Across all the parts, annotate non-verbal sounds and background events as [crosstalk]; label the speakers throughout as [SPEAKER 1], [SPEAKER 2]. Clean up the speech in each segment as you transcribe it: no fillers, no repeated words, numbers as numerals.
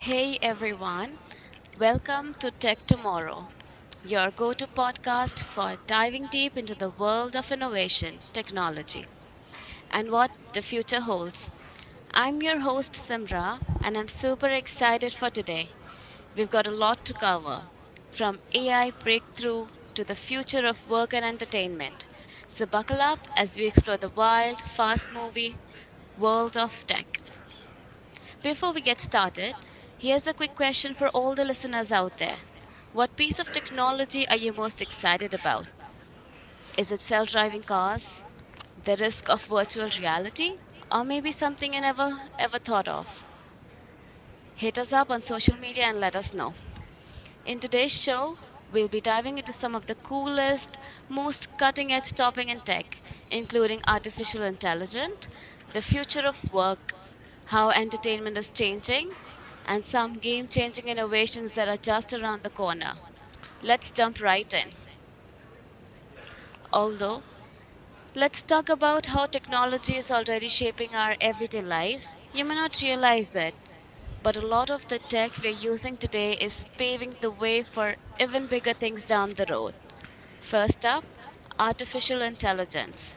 [SPEAKER 1] Hey everyone, welcome to Tech Tomorrow, your go to podcast for diving deep into the world of innovation, technology, and what the future holds. I'm your host Simra, and I'm super excited for today. We've got a lot to cover, from AI breakthrough to the future of work and entertainment. So, buckle up as we explore the wild, fast moving world of tech. Before we get started, here's a quick question for all the listeners out there. What piece of technology are you most excited about? Is it self driving cars, the risk of virtual reality, or maybe something you never ever thought of? Hit us up on social media and let us know. In today's show, we'll be diving into some of the coolest, most cutting edge topic in tech, including artificial intelligence, the future of work, how entertainment is changing, and some game changing innovations that are just around the corner. Let's jump right in. Although, let's talk about how technology is already shaping our everyday lives. You may not realize it, but a lot of the tech we're using today is paving the way for even bigger things down the road. First up, artificial intelligence.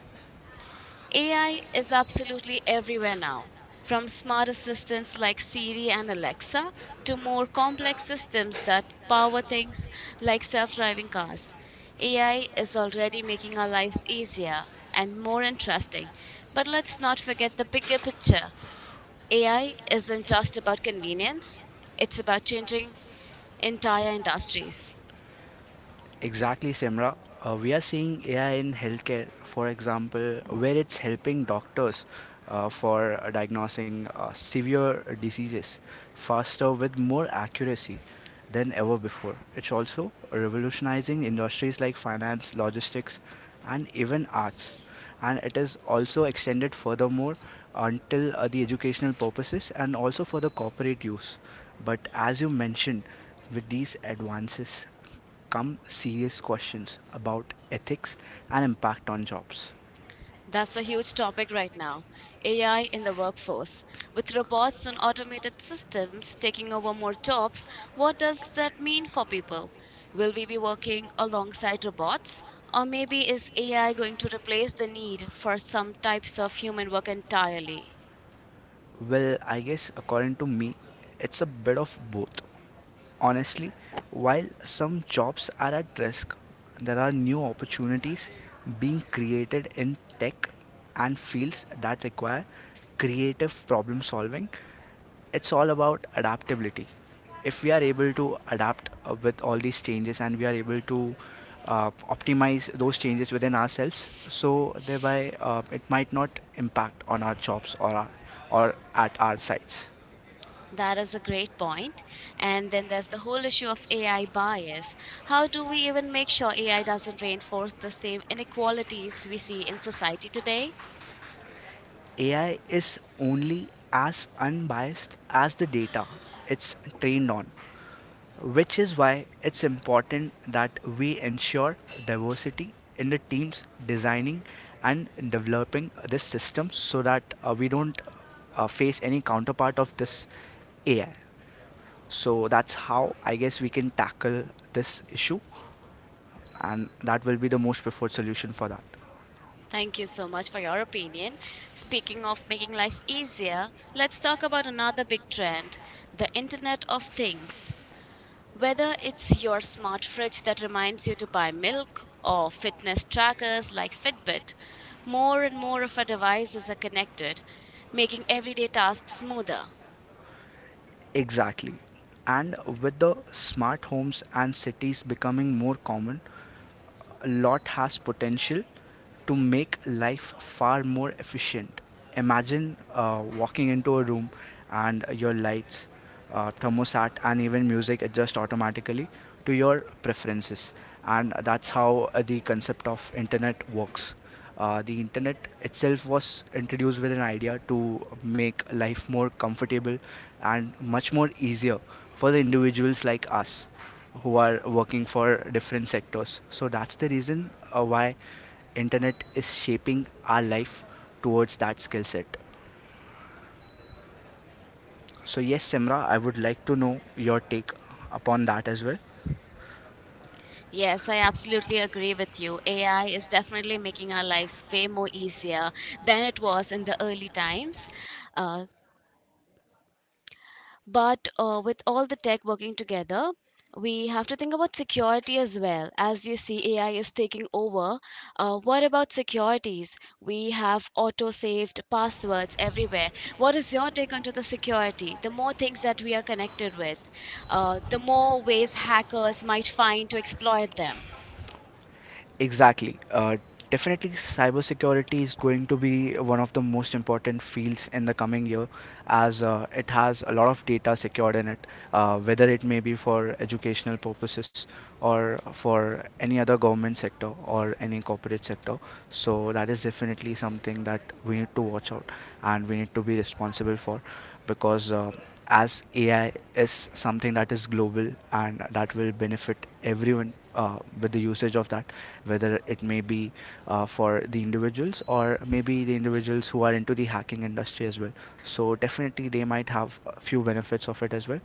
[SPEAKER 1] AI is absolutely everywhere now, from smart assistants like Siri and Alexa to more complex systems that power things like self driving cars. AI is already making our lives easier and more interesting, but let's not forget the bigger picture. AI isn't just about convenience, it's about changing entire industries.
[SPEAKER 2] Exactly, Simra. We are seeing AI in healthcare, for example, where it's helping doctors for diagnosing severe diseases faster with more accuracy than ever before. It's also revolutionizing industries like finance, logistics, and even arts. And it is also extended furthermore until the educational purposes and also for the corporate use. But as you mentioned, with these advances come serious questions about ethics and impact on jobs.
[SPEAKER 1] That's a huge topic right now, AI in the workforce. With robots and automated systems taking over more jobs, what does that mean for people? Will we be working alongside robots? Or maybe is AI going to replace the need for some types of human work entirely?
[SPEAKER 2] Well, I guess according to me, it's a bit of both. Honestly, while some jobs are at risk, there are new opportunities being created in tech and fields that require creative problem solving. It's all about adaptability. If we are able to adapt with all these changes and we are able to optimize those changes within ourselves, so thereby it might not impact on our jobs or our, or at our sites.
[SPEAKER 1] That is a great point. And then there's the whole issue of AI bias. How do we even make sure AI doesn't reinforce the same inequalities we see in society today?
[SPEAKER 2] AI is only as unbiased as the data it's trained on, which is why it's important that we ensure diversity in the teams designing and developing this system so that we don't face any counterpart of this AI. So that's how I guess we can tackle this issue, and that will be the most preferred solution for that.
[SPEAKER 1] Thank you so much for your opinion. Speaking of making life easier, let's talk about another big trend, the Internet of Things. Whether it's your smart fridge that reminds you to buy milk or fitness trackers like Fitbit, more and more of our devices are connected, making everyday tasks smoother.
[SPEAKER 2] Exactly. And with the smart homes and cities becoming more common, a lot has potential to make life far more efficient. Imagine walking into a room and your lights, thermostat, and even music adjust automatically to your preferences. And that's how the concept of internet works. The internet itself was introduced with an idea to make life more comfortable and much more easier for the individuals like us who are working for different sectors. So that's the reason why internet is shaping our life towards that skill set. So yes, Simra, I would like to know your take upon that as well.
[SPEAKER 1] Yes, I absolutely agree with you. AI is definitely making our lives way more easier than it was in the early times. Uh, But With all the tech working together, we have to think about security as well. As you see, AI is taking over. What about securities? We have auto-saved passwords everywhere. What is your take onto the security? The more things that we are connected with, the more ways hackers might find to exploit them.
[SPEAKER 2] Exactly. Definitely, cybersecurity is going to be one of the most important fields in the coming year, as it has a lot of data secured in it, whether it may be for educational purposes or for any other government sector or any corporate sector. So that is definitely something that we need to watch out and we need to be responsible for, because. As AI is something that is global and that will benefit everyone with the usage of that, whether it may be for the individuals or maybe the individuals who are into the hacking industry as well. So definitely they might have a few benefits of it as well.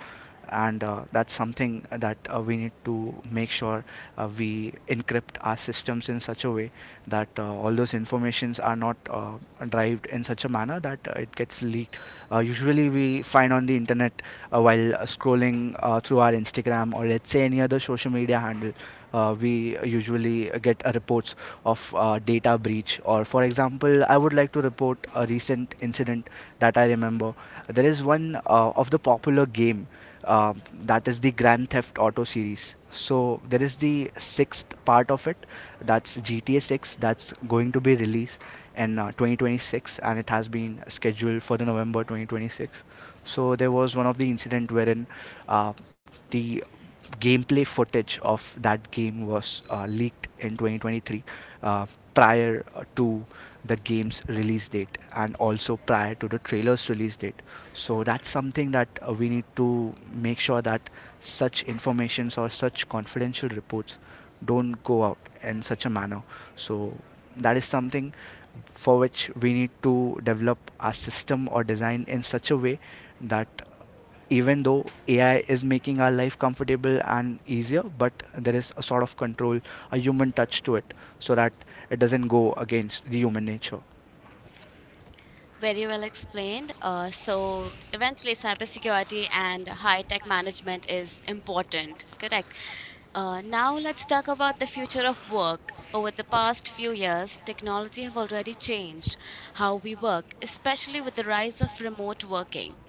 [SPEAKER 2] And that's something that we need to make sure we encrypt our systems in such a way that all those informations are not derived in such a manner that it gets leaked. Usually we find on the internet while scrolling through our Instagram or let's say any other social media handle, we usually get reports of data breach. Or, for example, I would like to report a recent incident that I remember. There is one of the popular game that is the Grand Theft Auto series. So there is the sixth part of it, that's GTA 6, that's going to be released in 2026, and it has been scheduled for the November 2026. So there was one of the incident wherein uh, the gameplay footage of that game was leaked in 2023 uh, prior to the game's release date and also prior to the trailer's release date. So that's something that we need to make sure that such informations or such confidential reports don't go out in such a manner, so that is something for which we need to develop our system or design in such a way that even though AI is making our life comfortable and easier, but there is a sort of control, a human touch to it, so that it doesn't go against the human nature.
[SPEAKER 1] Very well explained. So eventually, cybersecurity and high tech management is important. Correct. Now let's talk about the future of work. Over the past few years, technology have already changed how we work, especially with the rise of remote working.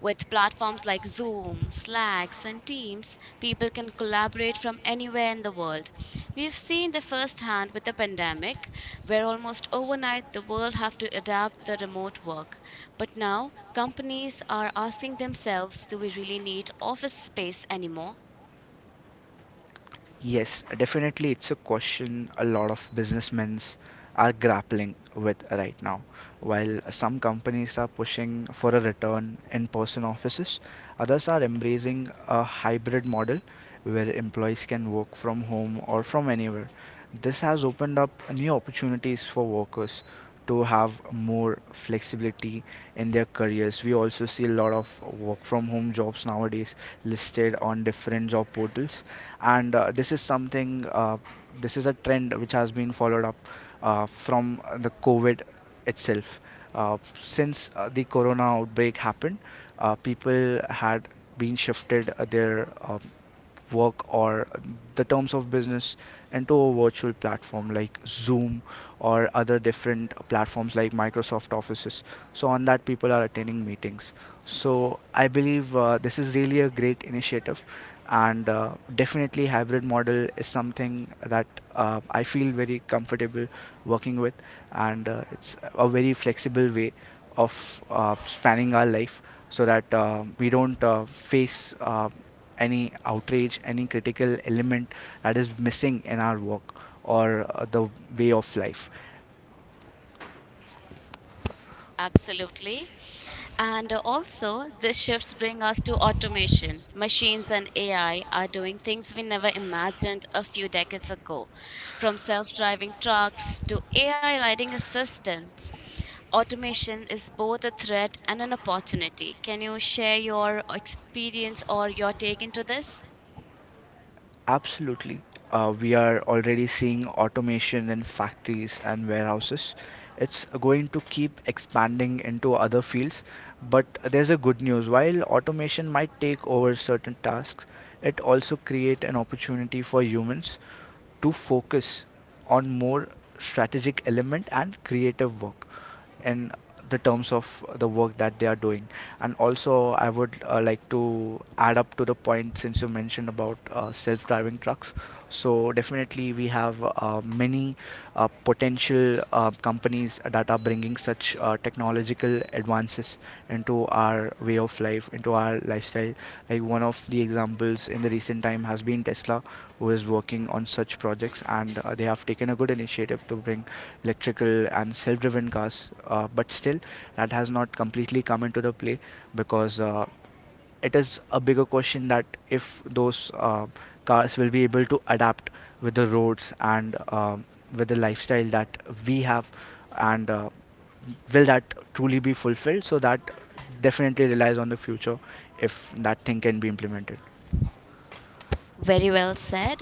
[SPEAKER 1] With platforms like Zoom, Slacks, and Teams, people can collaborate from anywhere in the world. We've seen the firsthand with the pandemic, where almost overnight the world have to adapt the remote work. But now companies are asking themselves, do we really need office space anymore?
[SPEAKER 2] Yes, definitely, it's a question a lot of businessmen are grappling with right now. While some companies are pushing for a return in person offices, others are embracing a hybrid model where employees can work from home or from anywhere. This has opened up new opportunities for workers to have more flexibility in their careers. We also see a lot of work from home jobs nowadays listed on different job portals, and this is something. This is a trend which has been followed up from the COVID itself. Since the corona outbreak happened, people had been shifted their work or the terms of business into a virtual platform like Zoom or other different platforms like Microsoft Office. So on that, people are attending meetings. So I believe this is really a great initiative, and definitely hybrid model is something that I feel very comfortable working with, and it's a very flexible way of spanning our life so that we don't face any outrage, any critical element that is missing in our work or the way of life.
[SPEAKER 1] Absolutely. And also, these shifts bring us to automation. Machines and AI are doing things we never imagined a few decades ago, from self driving trucks to AI riding assistants. Automation is both a threat and an opportunity. Can you share your experience or your take into this?
[SPEAKER 2] Absolutely. We are already seeing automation in factories and warehouses. It's going to keep expanding into other fields. But there's a good news. While automation might take over certain tasks, it also create an opportunity for humans to focus on more strategic element and creative work in the terms of the work that they are doing. And also I would like to add up to the point since you mentioned about self-driving trucks. So definitely we have many potential companies that are bringing such technological advances into our way of life, into our lifestyle, like one of the examples in the recent time has been Tesla, who is working on such projects, and they have taken a good initiative to bring electrical and self-driven cars, but still that has not completely come into the play, because it is a bigger question that if those cars will be able to adapt with the roads and with the lifestyle that we have, and will that truly be fulfilled. So that definitely relies on the future, if that thing can be implemented.
[SPEAKER 1] Very well said.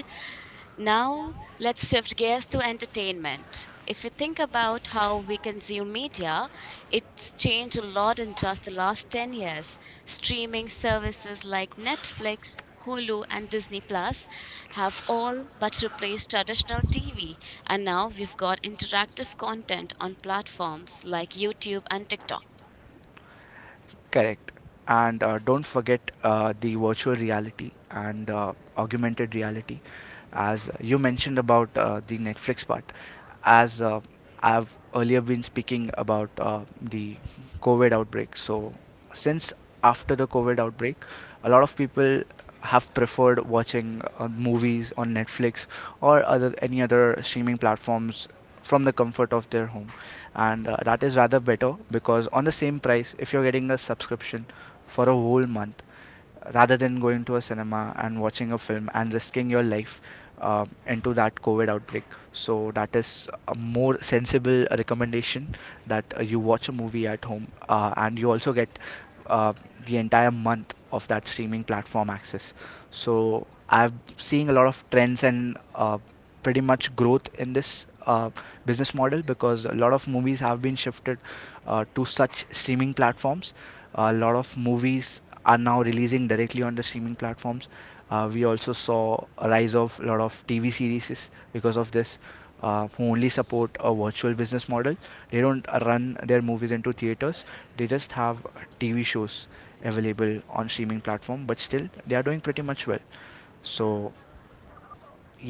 [SPEAKER 1] Now, let's shift gears to entertainment. If you think about how we consume media, it's changed a lot in just the last 10 years. Streaming services like Netflix, Hulu, and Disney Plus have all but replaced traditional TV, and now we've got interactive content on platforms like YouTube and TikTok.
[SPEAKER 2] Correct. And don't forget the virtual reality and augmented reality, as you mentioned about the Netflix part. As I've earlier been speaking about the COVID outbreak, so since after the COVID outbreak, a lot of people have preferred watching movies on Netflix or other any other streaming platforms from the comfort of their home, and that is rather better because on the same price if you're getting a subscription for a whole month rather than going to a cinema and watching a film and risking your life into that covid outbreak. So that is a more sensible recommendation that you watch a movie at home, and you also get uh, the entire month of that streaming platform access. So I've seeing a lot of trends and pretty much growth in this business model because a lot of movies have been shifted to such streaming platforms. A lot of movies are now releasing directly on the streaming platforms. We also saw a rise of a lot of TV series because of this, who only support a virtual business model. They don't run their movies into theaters. They just have TV shows available on streaming platform, but still they are doing pretty much well. So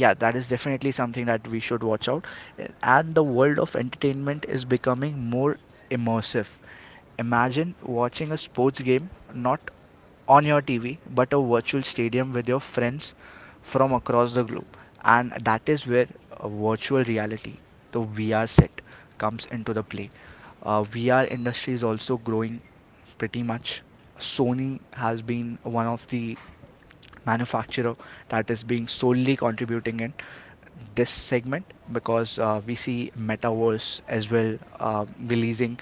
[SPEAKER 2] yeah, that is definitely something that we should watch out. And the world of entertainment is becoming more immersive. Imagine watching a sports game not on your TV but a virtual stadium with your friends from across the globe. And that is where virtual reality, the VR set, comes into the play. VR industry is also growing pretty much. Sony has been one of the manufacturer that is being solely contributing in this segment, because we see metaverse as well releasing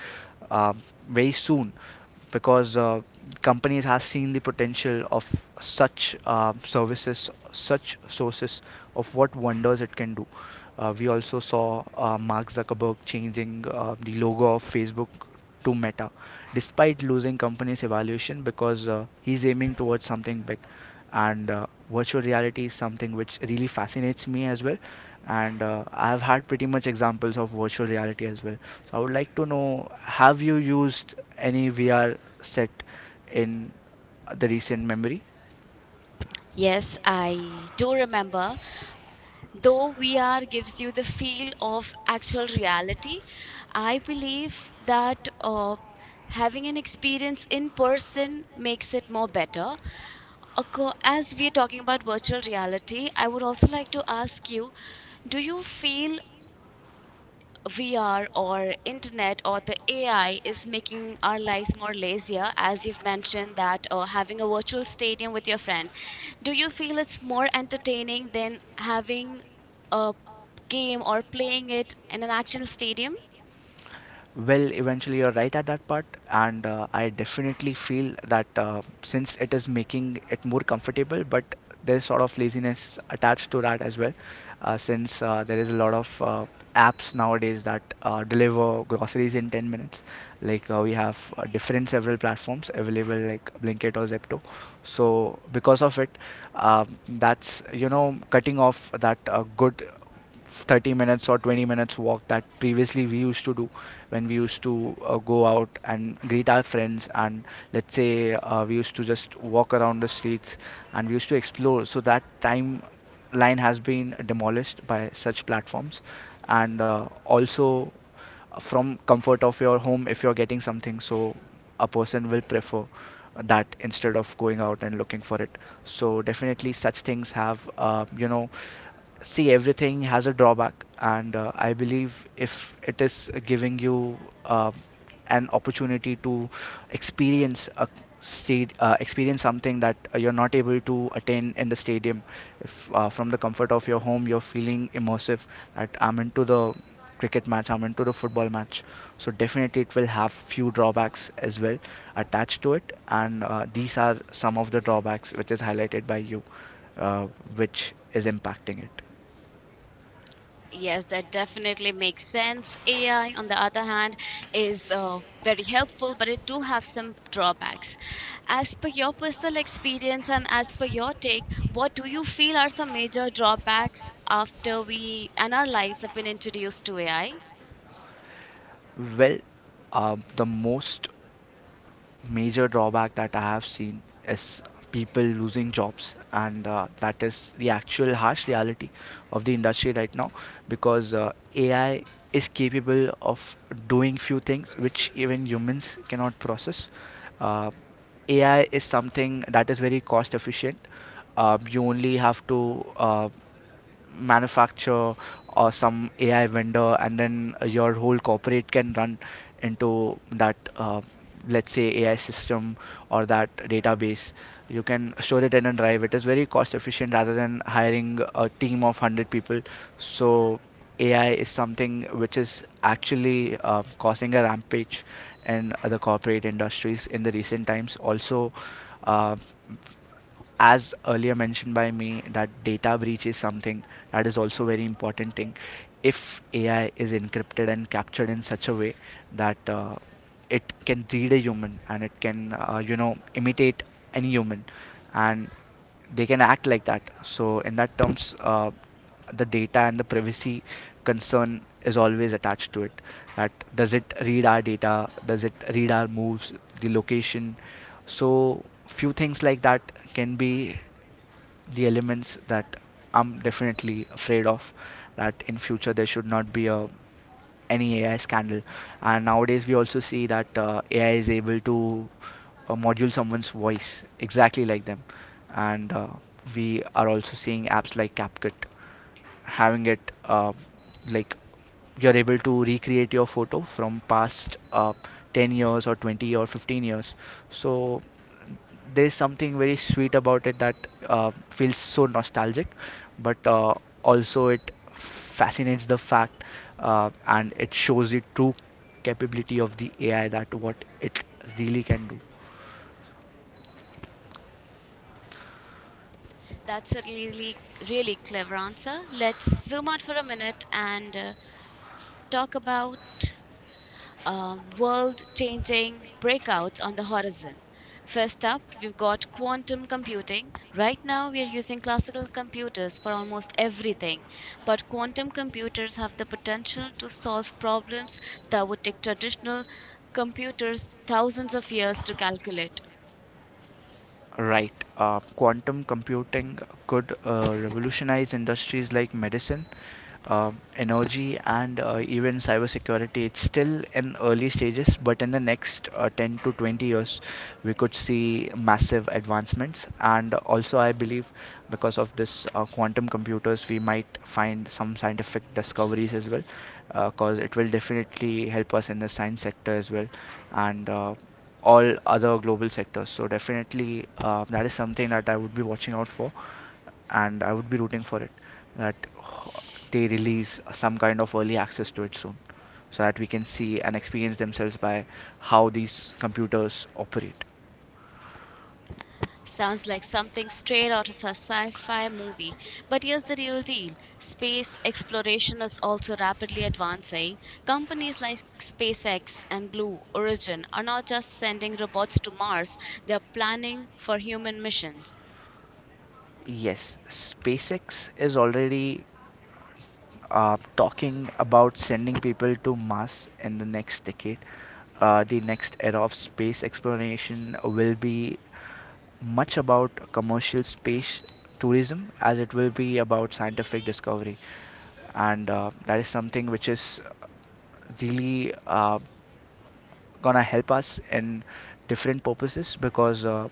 [SPEAKER 2] uh, very soon, because companies have seen the potential of such services, such sources, of what wonders it can do. We also saw Mark Zuckerberg changing the logo of Facebook to Meta, despite losing company's evaluation because he's aiming towards something big. And virtual reality is something which really fascinates me as well. And I've had pretty much examples of virtual reality as well. So I would like to know: have you used any VR set in the recent memory?
[SPEAKER 1] Yes, I do remember, though VR gives you the feel of actual reality, I believe that having an experience in person makes it more better. As we are talking about virtual reality, I would also like to ask you, do you feel VR or internet or the AI is making our lives more lazier, as you've mentioned that having a virtual stadium with your friend. Do you feel it's more entertaining than having a game or playing it in an actual stadium?
[SPEAKER 2] Well, eventually you're right at that part, and I definitely feel that since it is making it more comfortable, but there's sort of laziness attached to that as well, since there is a lot of apps nowadays that deliver groceries in 10 minutes. Like we have different several platforms available, like Blinkit or Zepto. So because of it, that's cutting off that good 30 minutes or 20 minutes walk that previously we used to do when we used to go out and greet our friends and let's say we used to just walk around the streets, and we used to explore, so that time line has been demolished by such platforms. And also, from comfort of your home, if you're getting something, so a person will prefer that instead of going out and looking for it. So definitely such things have see, everything has a drawback, and I believe if it is giving you uh, an opportunity to experience a state experience something that you're not able to attain in the stadium, if from the comfort of your home you're feeling immersive, that I'm into the cricket match, I'm into the football match, so definitely it will have few drawbacks as well attached to it. And these are some of the drawbacks which is highlighted by you, uh, which is impacting it.
[SPEAKER 1] Yes, that definitely makes sense. AI, on the other hand, is very helpful, but it do have some drawbacks. As per your personal experience and as per your take, what do you feel are some major drawbacks after we and our lives have been introduced to AI?
[SPEAKER 2] Well, the most major drawback that I have seen is people losing jobs, and that is the actual harsh reality of the industry right now, because AI is capable of doing few things which even humans cannot process. Uh, AI is something that is very cost efficient. You only have to manufacturer or some AI vendor, and then your whole corporate can run into that, let's say, AI system or that database. You can store it in a drive. It is very cost efficient rather than hiring a team of 100 people. So, AI is something which is actually causing a rampage in the corporate industries in the recent times. Also, uh, as earlier mentioned by me, that data breach is something that is also very important thing. If AI is encrypted and captured in such a way that it can read a human, and it can imitate any human and they can act like that. So in that terms, the data and the privacy concern is always attached to it. That does it read our data? Does it read our moves? The location? So few things like that can be the elements that I'm definitely afraid of, that in future there should not be a any AI scandal. And nowadays we also see that AI is able to module someone's voice exactly like them, and we are also seeing apps like CapCut having it like you're able to recreate your photo from past 10 years or 20 or 15 years. So there's something very sweet about it, that feels so nostalgic, but also it fascinates the fact, and it shows the true capability of the AI, that what it really can do.
[SPEAKER 1] That's a really, really clever answer. Let's zoom out for a minute and talk about world changing breakouts on the horizon. First up, we've got quantum computing. Right now, we are using classical computers for almost everything, but quantum computers have the potential to solve problems that would take traditional computers thousands of years to calculate.
[SPEAKER 2] Right. Quantum computing could revolutionize industries like medicine, energy, and even cybersecurity. It's still in early stages, but in the next 10 to 20 years, we could see massive advancements. And also, I believe because of this quantum computers, we might find some scientific discoveries as well, because it will definitely help us in the science sector as well. And all other global sectors. So definitely that is something that I would be watching out for, and I would be rooting for it, that they release some kind of early access to it soon, so that we can see and experience themselves by how these computers operate.
[SPEAKER 1] Sounds like something straight out of a sci fi movie. But here's the real deal, space exploration is also rapidly advancing. Companies like SpaceX and Blue Origin are not just sending robots to Mars, they are planning for human missions.
[SPEAKER 2] Yes, SpaceX is already talking about sending people to Mars in the next decade. The next era of space exploration will be much about commercial space tourism as it will be about scientific discovery. And that is something which is really gonna help us in different purposes, because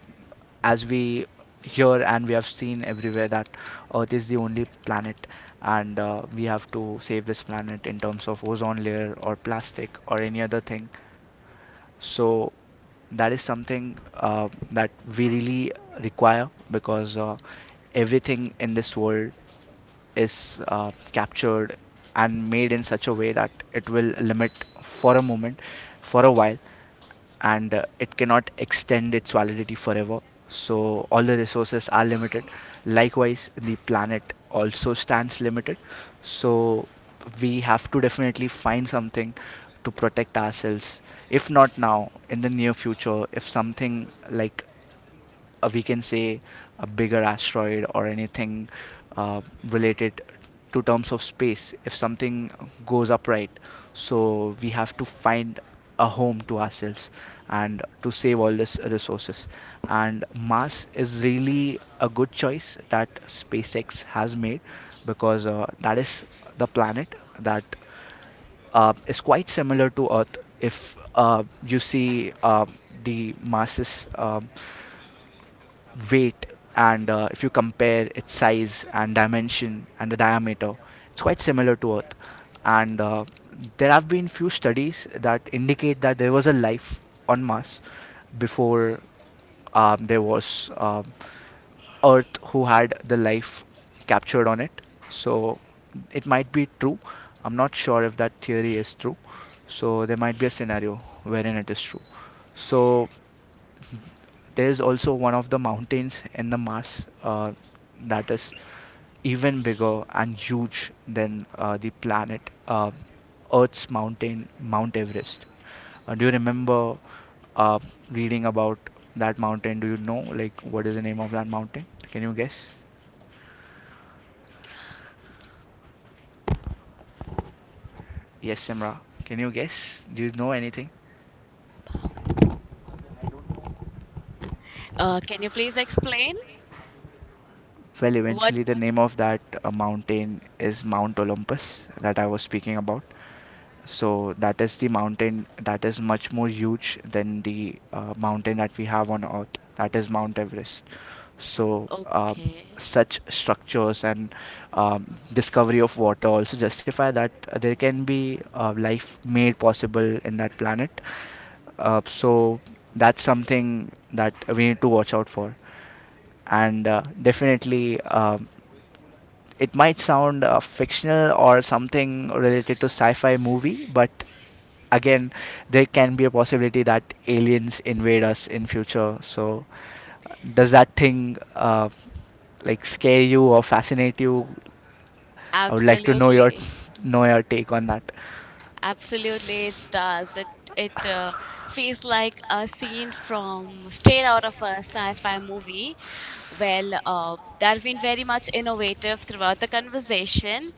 [SPEAKER 2] as we hear and we have seen everywhere that Earth is the only planet, and we have to save this planet in terms of ozone layer or plastic or any other thing. So that is something that we really require, because everything in this world is captured and made in such a way that it will limit for a moment, for a while, and it cannot extend its validity forever. So all the resources are limited. Likewise, the planet also stands limited. So we have to definitely find something to protect ourselves. If not now, in the near future, if something like we can say a bigger asteroid or anything uh, related to terms of space, if something goes upright, so we have to find a home to ourselves and to save all this resources. And Mars is really a good choice that SpaceX has made, because that is the planet that is quite similar to Earth. If you see the masses, weight, and if you compare its size and dimension and the diameter, it's quite similar to Earth. And there have been few studies that indicate that there was a life on Mars before there was Earth who had the life captured on it. So it might be true. I'm not sure if that theory is true, so there might be a scenario wherein it is true. So there is also one of the mountains in the Mars that is even bigger and huge than the planet uh, Earth's mountain, Mount Everest. Do you remember uh, reading about that mountain? Do you know, like, what is the name of that mountain? Can you guess? Yes, Simra. Can you guess? Do you know anything?
[SPEAKER 1] Can you please explain?
[SPEAKER 2] Well,
[SPEAKER 1] What?
[SPEAKER 2] eventually the name of that mountain is Mount Olympus, that I was speaking about. So that is the mountain that is much more huge than the mountain that we have on Earth. That is Mount Everest. So
[SPEAKER 1] Okay.
[SPEAKER 2] such structures and discovery of water also justify that there can be life made possible in that planet. So that's something that we need to watch out for. And definitely, it might sound fictional or something related to sci-fi movie, but again, there can be a possibility that aliens invade us in future. So, does that thing scare you or fascinate you? I would like to know your
[SPEAKER 1] Absolutely.
[SPEAKER 2] [laughs] know your take on that.
[SPEAKER 1] Absolutely, it does. It feels like a scene from straight out of a sci-fi movie. Well, that has been very much innovative throughout the conversation.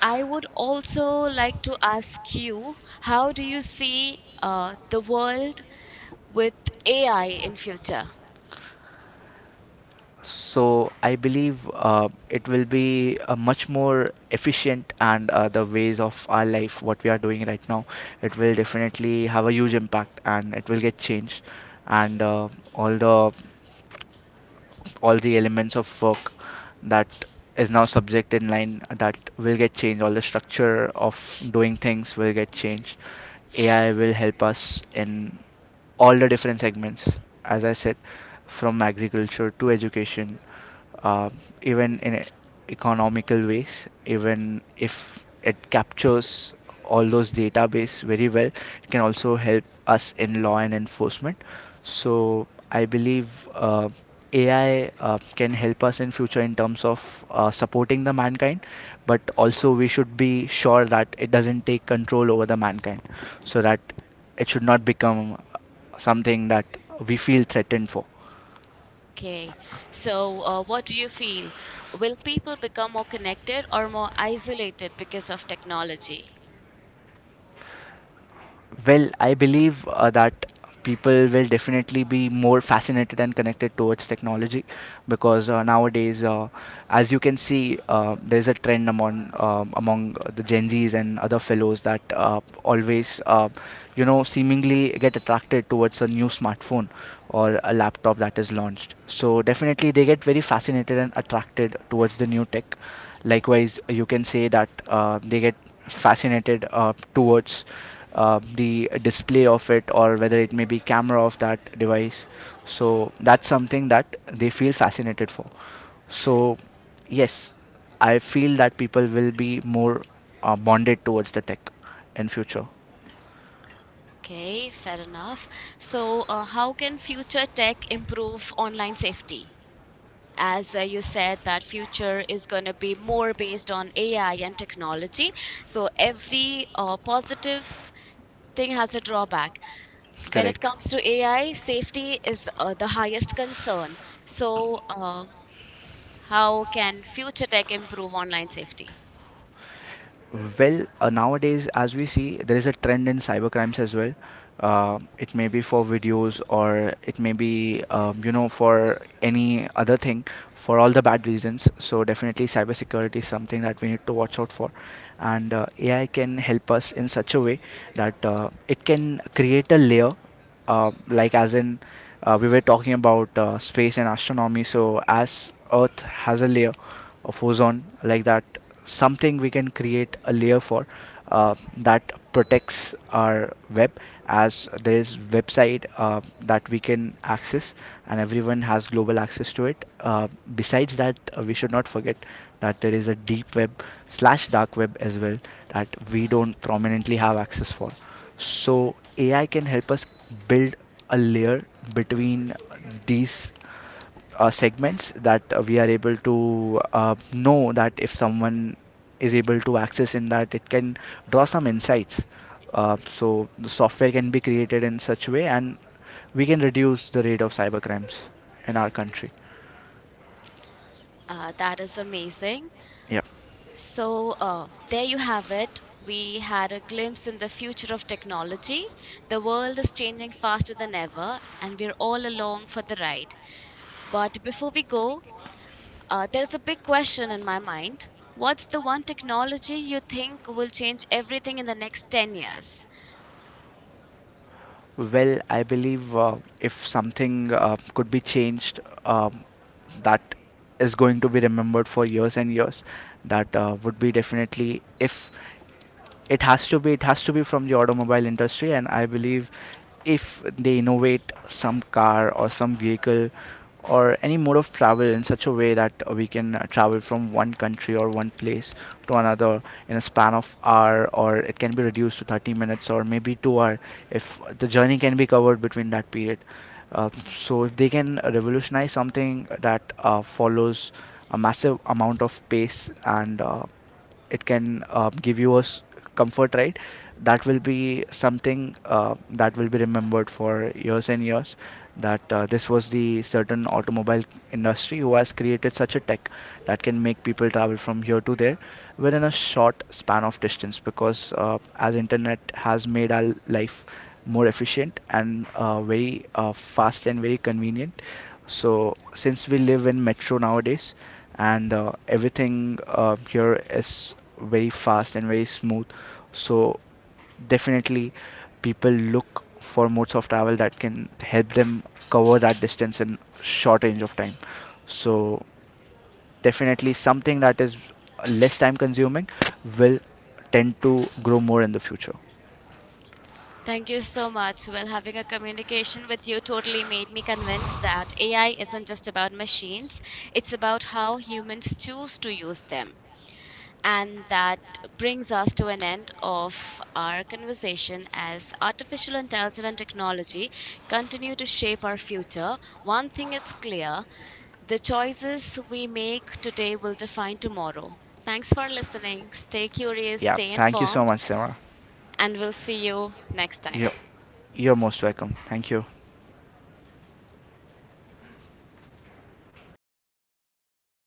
[SPEAKER 1] I would also like to ask you, how do you see the world with AI in future?
[SPEAKER 2] So I believe it will be much more efficient, and the ways of our life, what we are doing right now, it will definitely have a huge impact, and it will get changed, and all the all the elements of work that is now subject in line, that will get changed. All the structure of doing things will get changed. AI will help us in all the different segments, as I said, from agriculture to education, uh, even in economical ways, even if it captures all those database very well, it can also help us in law and enforcement. So I believe AI can help us in future in terms of supporting the mankind, but also we should be sure that it doesn't take control over the mankind, so that it should not become something that we feel threatened for.
[SPEAKER 1] Okay, so what do you feel? Will people become more connected or more isolated because of technology?
[SPEAKER 2] Well, I believe that people will definitely be more fascinated and connected towards technology, because nowadays, as you can see, there's a trend among among the Gen Zs and other fellows that always, seemingly get attracted towards a new smartphone or a laptop that is launched. So definitely, they get very fascinated and attracted towards the new tech. Likewise, you can say that they get fascinated towards the display of it, or whether it may be camera of that device. So that's something that they feel fascinated for. So yes, I feel that people will be more bonded towards the tech in future.
[SPEAKER 1] Okay, fair enough. So, how can future tech improve online safety? As you said, that future is going to be more based on AI and technology. So, every positive thing has a drawback. When it
[SPEAKER 2] Correct.
[SPEAKER 1] comes to AI, safety is the highest concern. So, how can future tech improve online safety?
[SPEAKER 2] Well, nowadays, as we see, there is a trend in cyber crimes as well. It may be for videos, or it may be, for any other thing, for all the bad reasons. So, definitely, cybersecurity is something that we need to watch out for. And AI can help us in such a way that it can create a layer, like as in we were talking about space and astronomy, so as Earth has a layer of ozone, like that, something we can create a layer for that protects our web, as there is website that we can access, and everyone has global access to it. Besides that, we should not forget that there is a deep web slash dark web as well, that we don't prominently have access for. So AI can help us build a layer between these segments, that we are able to know that if someone is able to access in that, it can draw some insights, so the software can be created in such way, and we can reduce the rate of cyber crimes in our country.
[SPEAKER 1] That is amazing.
[SPEAKER 2] Yeah.
[SPEAKER 1] So, there you have it. We had a glimpse in the future of technology. The world is changing faster than ever, and we're all along for the ride. But before we go, there's a big question in my mind. What's the one technology you think will change everything in the next 10 years?
[SPEAKER 2] Well, I believe if something could be changed, um, that is going to be remembered for years and years. That would be definitely, if it has to be from the automobile industry. And I believe if they innovate some car or some vehicle or any mode of travel in such a way that we can travel from one country or one place to another in a span of hour, or it can be reduced to 30 minutes or maybe 2 hour, if the journey can be covered between that period. uh, so if they can revolutionize something that follows a massive amount of pace, and it can give you a comfort, right, that will be something that will be remembered for years and years, that this was the certain automobile industry who has created such a tech that can make people travel from here to there within a short span of distance. Because as internet has made our life more efficient and very fast and very convenient, so since we live in metro nowadays, and everything here is very fast and very smooth, so definitely people look for modes of travel that can help them cover that distance in short range of time. So definitely something that is less time consuming will tend to grow more in the future.
[SPEAKER 1] Thank you so much. Well, having a communication with you totally made me convinced that AI isn't just about machines, it's about how humans choose to use them. And that brings us to an end of our conversation as artificial intelligence and technology continue to shape our future. One thing is clear, the choices we make today will define tomorrow. Thanks for listening. Stay curious,
[SPEAKER 2] Yeah,
[SPEAKER 1] stay
[SPEAKER 2] thank you so
[SPEAKER 1] informed,
[SPEAKER 2] much, Sarah.
[SPEAKER 1] and we'll see you next time.
[SPEAKER 2] you're, you're most welcome, thank you.